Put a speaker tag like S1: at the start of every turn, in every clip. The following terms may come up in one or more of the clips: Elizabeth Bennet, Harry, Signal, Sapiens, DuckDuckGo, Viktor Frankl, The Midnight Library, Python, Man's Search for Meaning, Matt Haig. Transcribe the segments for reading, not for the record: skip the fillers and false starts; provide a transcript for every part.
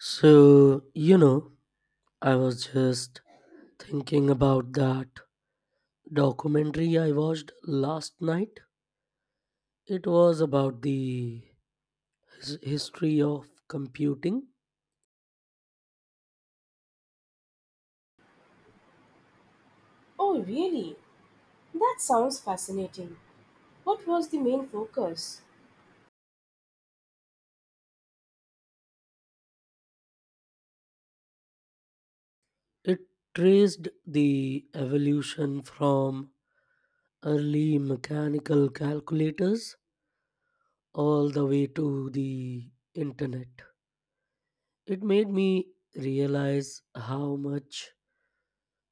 S1: So, you know, I was just thinking about that documentary I watched last night. It was about the history of computing.
S2: Oh, really? That sounds fascinating. What was the main focus?
S1: It traced the evolution from early mechanical calculators all the way to the internet. It made me realize how much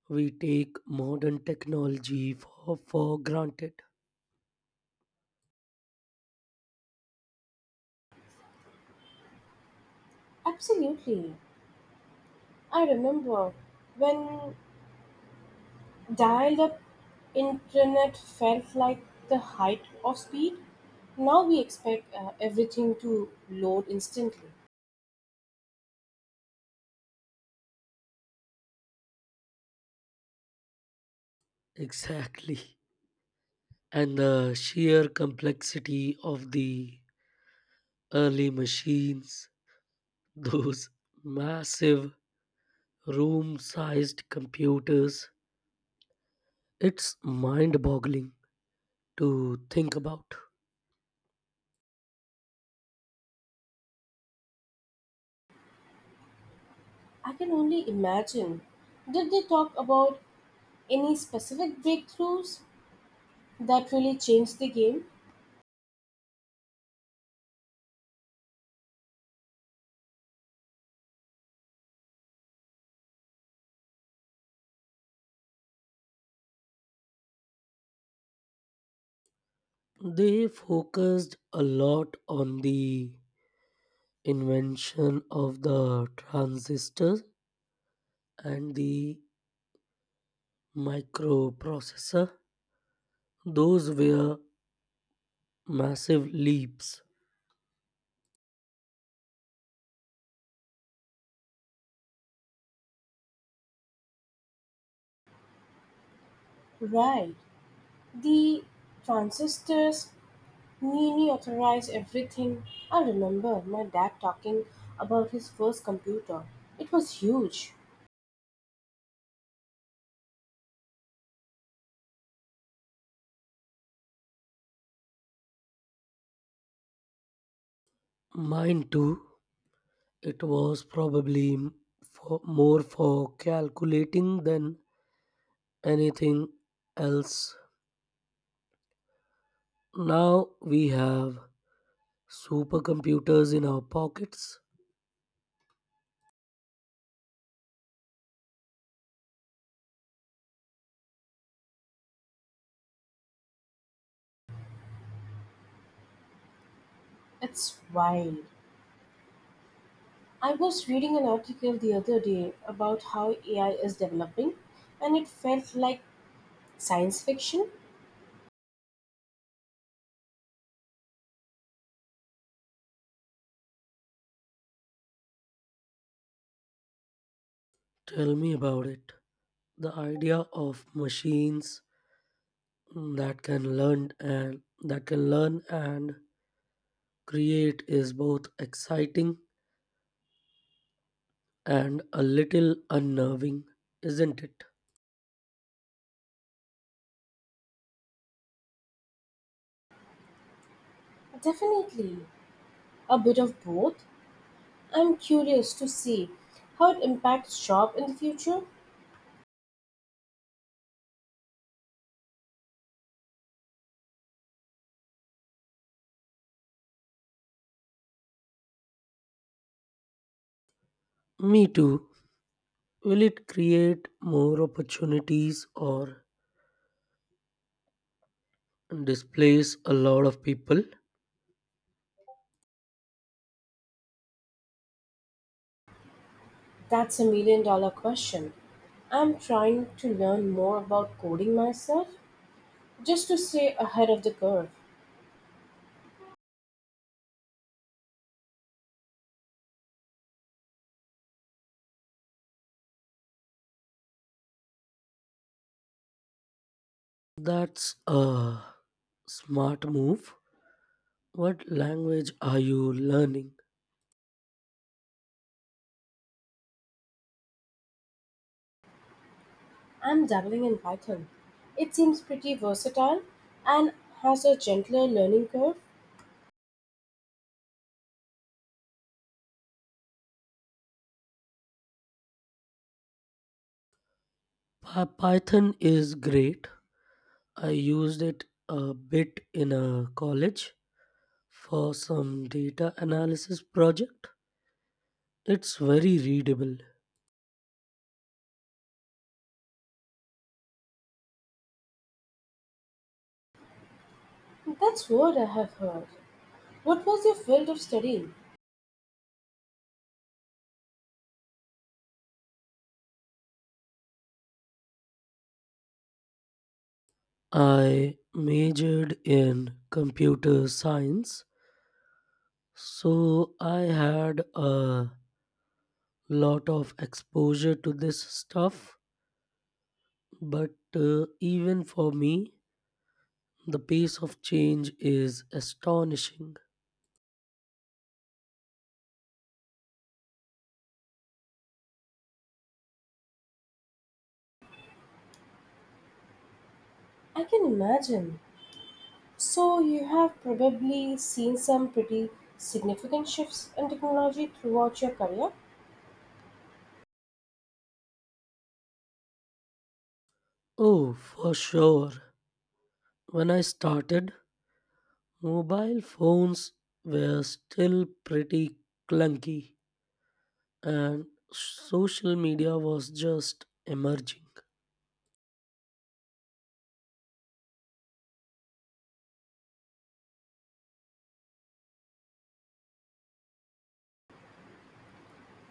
S1: we take modern technology for granted.
S2: Absolutely. I remember when dialed up internet felt like the height of speed. Now we expect everything to load instantly.
S1: Exactly. And the sheer complexity of the early machines, those massive room sized computers, it's mind boggling to think about.
S2: I can only imagine. Did they talk about any specific breakthroughs that really changed the game?
S1: They focused a lot on the invention of the transistor and the microprocessor. Those were massive leaps.
S2: Right. The transistors Nini authorized everything. I remember my dad talking about his first computer. It was huge.
S1: Mine too. It was probably more for calculating than anything else. Now we have supercomputers in our pockets.
S2: It's wild. I was reading an article the other day about how AI is developing, and it felt like science fiction.
S1: Tell me about it. The idea of machines that can learn and create is both exciting and a little unnerving, isn't it?
S2: Definitely a bit of both. I'm curious to see how it impacts job in the future.
S1: Me too. Will it create more opportunities or displays a lot of people?
S2: That's a million dollar question. I'm trying to learn more about coding myself just to stay ahead of the curve.
S1: That's a smart move. What language are you learning?
S2: I'm dabbling in Python. It seems pretty versatile and has a gentler learning curve.
S1: Python is great. I used it a bit in a college for some data analysis project. It's very readable.
S2: That's what I have heard. What was your field of study?
S1: I majored in computer science, so I had a lot of exposure to this stuff. But even for me, the pace of change is astonishing.
S2: I can imagine. So, you have probably seen some pretty significant shifts in technology throughout your career.
S1: Oh, for sure. When I started, mobile phones were still pretty clunky and social media was just emerging.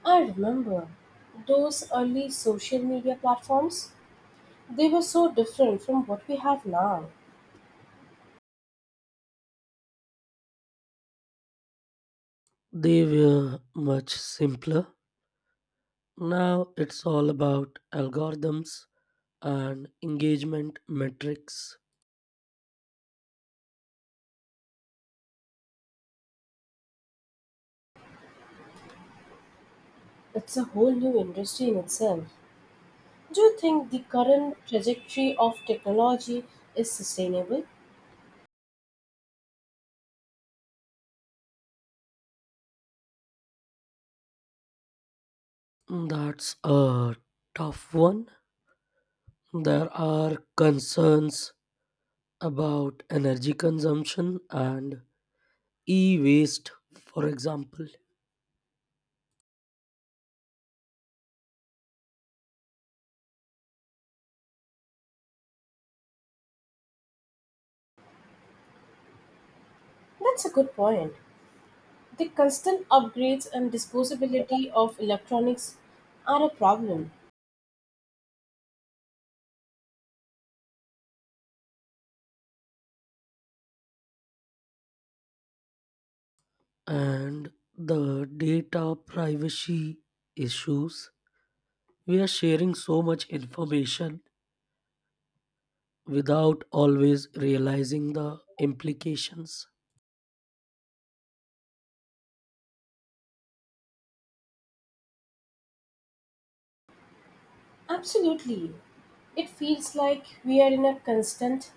S2: I remember those early social media platforms, they were so different from what we have now.
S1: They were much simpler. Now it's all about algorithms and engagement metrics.
S2: It's a whole new industry in itself. Do you think the current trajectory of technology is sustainable?
S1: That's a tough one. There are concerns about energy consumption and e waste, for example,
S2: That's a good point. The constant upgrades and disposability of electronics are a problem.
S1: and the data privacy issues. We are sharing so much information without always realizing the implications.
S2: Absolutely. It feels like we are in a constant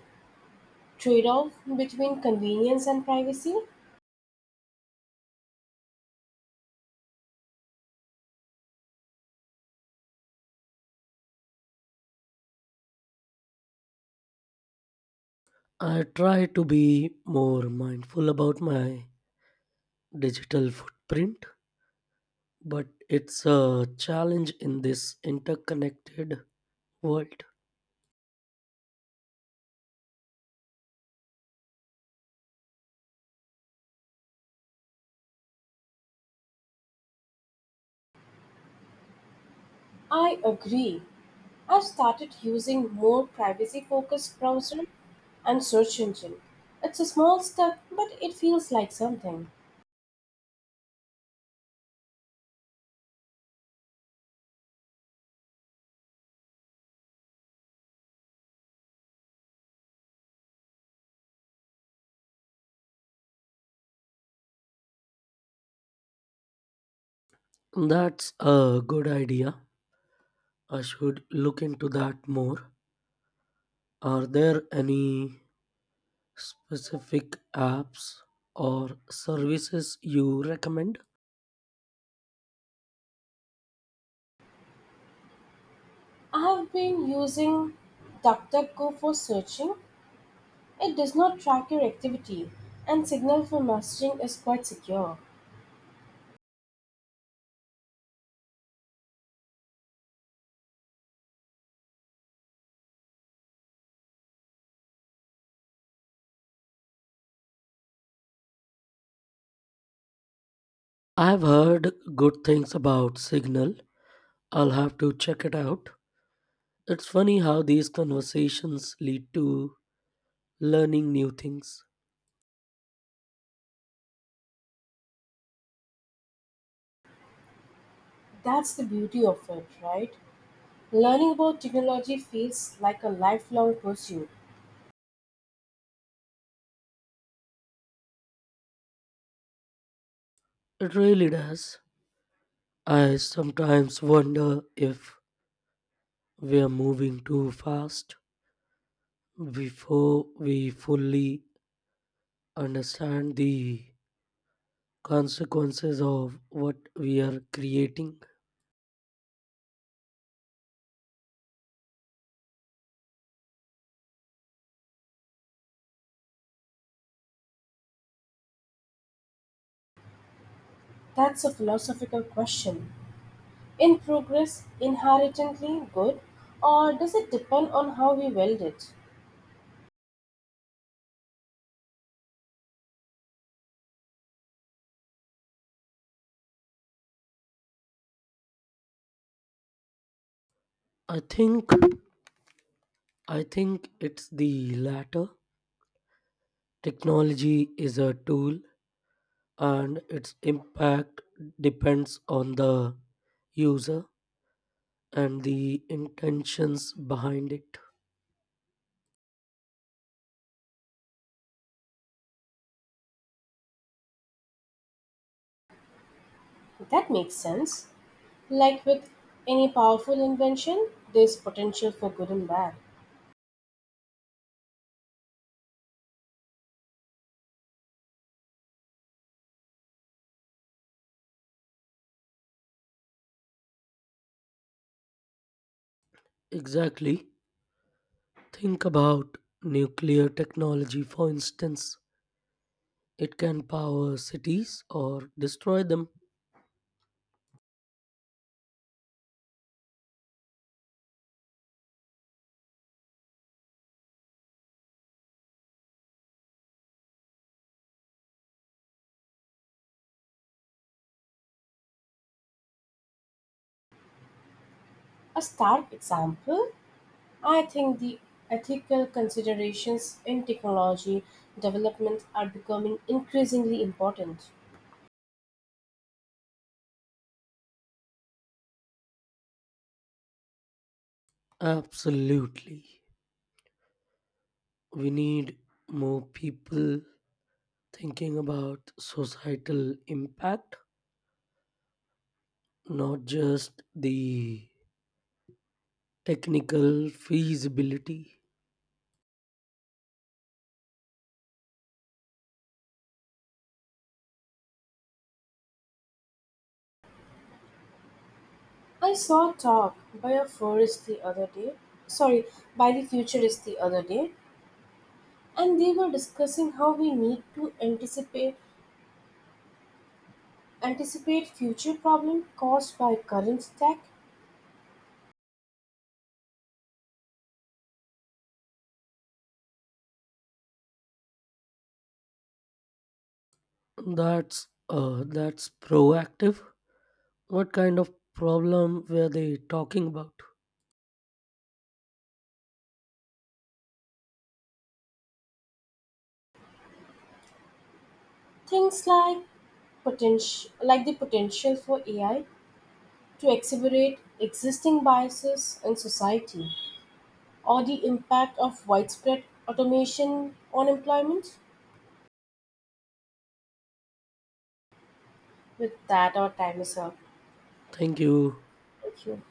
S2: trade off between convenience and privacy.
S1: I try to be more mindful about my digital footprint, but it's a challenge in this interconnected world.
S2: I agree. I've started using more privacy focused browser and search engine. It's a small step, but it feels like something.
S1: That's a good idea. I should look into that more. Are there any specific apps or services you recommend?
S2: I have been using DuckDuckGo for searching. It does not track your activity, and Signal for messaging is quite secure.
S1: I've heard good things about Signal. I'll have to check it out. It's funny how these conversations lead to learning new things.
S2: That's the beauty of it, right? Learning about technology feels like a lifelong pursuit.
S1: It really does. I sometimes wonder if we're moving too fast before we fully understand the consequences of what we are creating.
S2: That's a philosophical question. In progress, inherently good, or does it depend on how we wield it?
S1: I think i think it's the latter. Technology is a tool, and its impact depends on the user and the intentions behind it.
S2: That makes sense. Like with any powerful invention, there's potential for good and bad.
S1: Exactly. Think about nuclear technology, for instance. It can power cities or destroy them.
S2: A stark example. I think the ethical considerations in technology development are becoming increasingly important.
S1: Absolutely, we need more people thinking about societal impact, not just the technical feasibility.
S2: I saw a talk by a forest the other day, sorry, by the futurist the other day, and they were discussing how we need to anticipate future problems caused by current tech.
S1: That's proactive. What kind of problem were they talking about?
S2: Things like potential like the potential for AI to exacerbate existing biases in society or the impact of widespread automation on employment? With that, our time is up.
S1: Thank you.
S2: Thank you.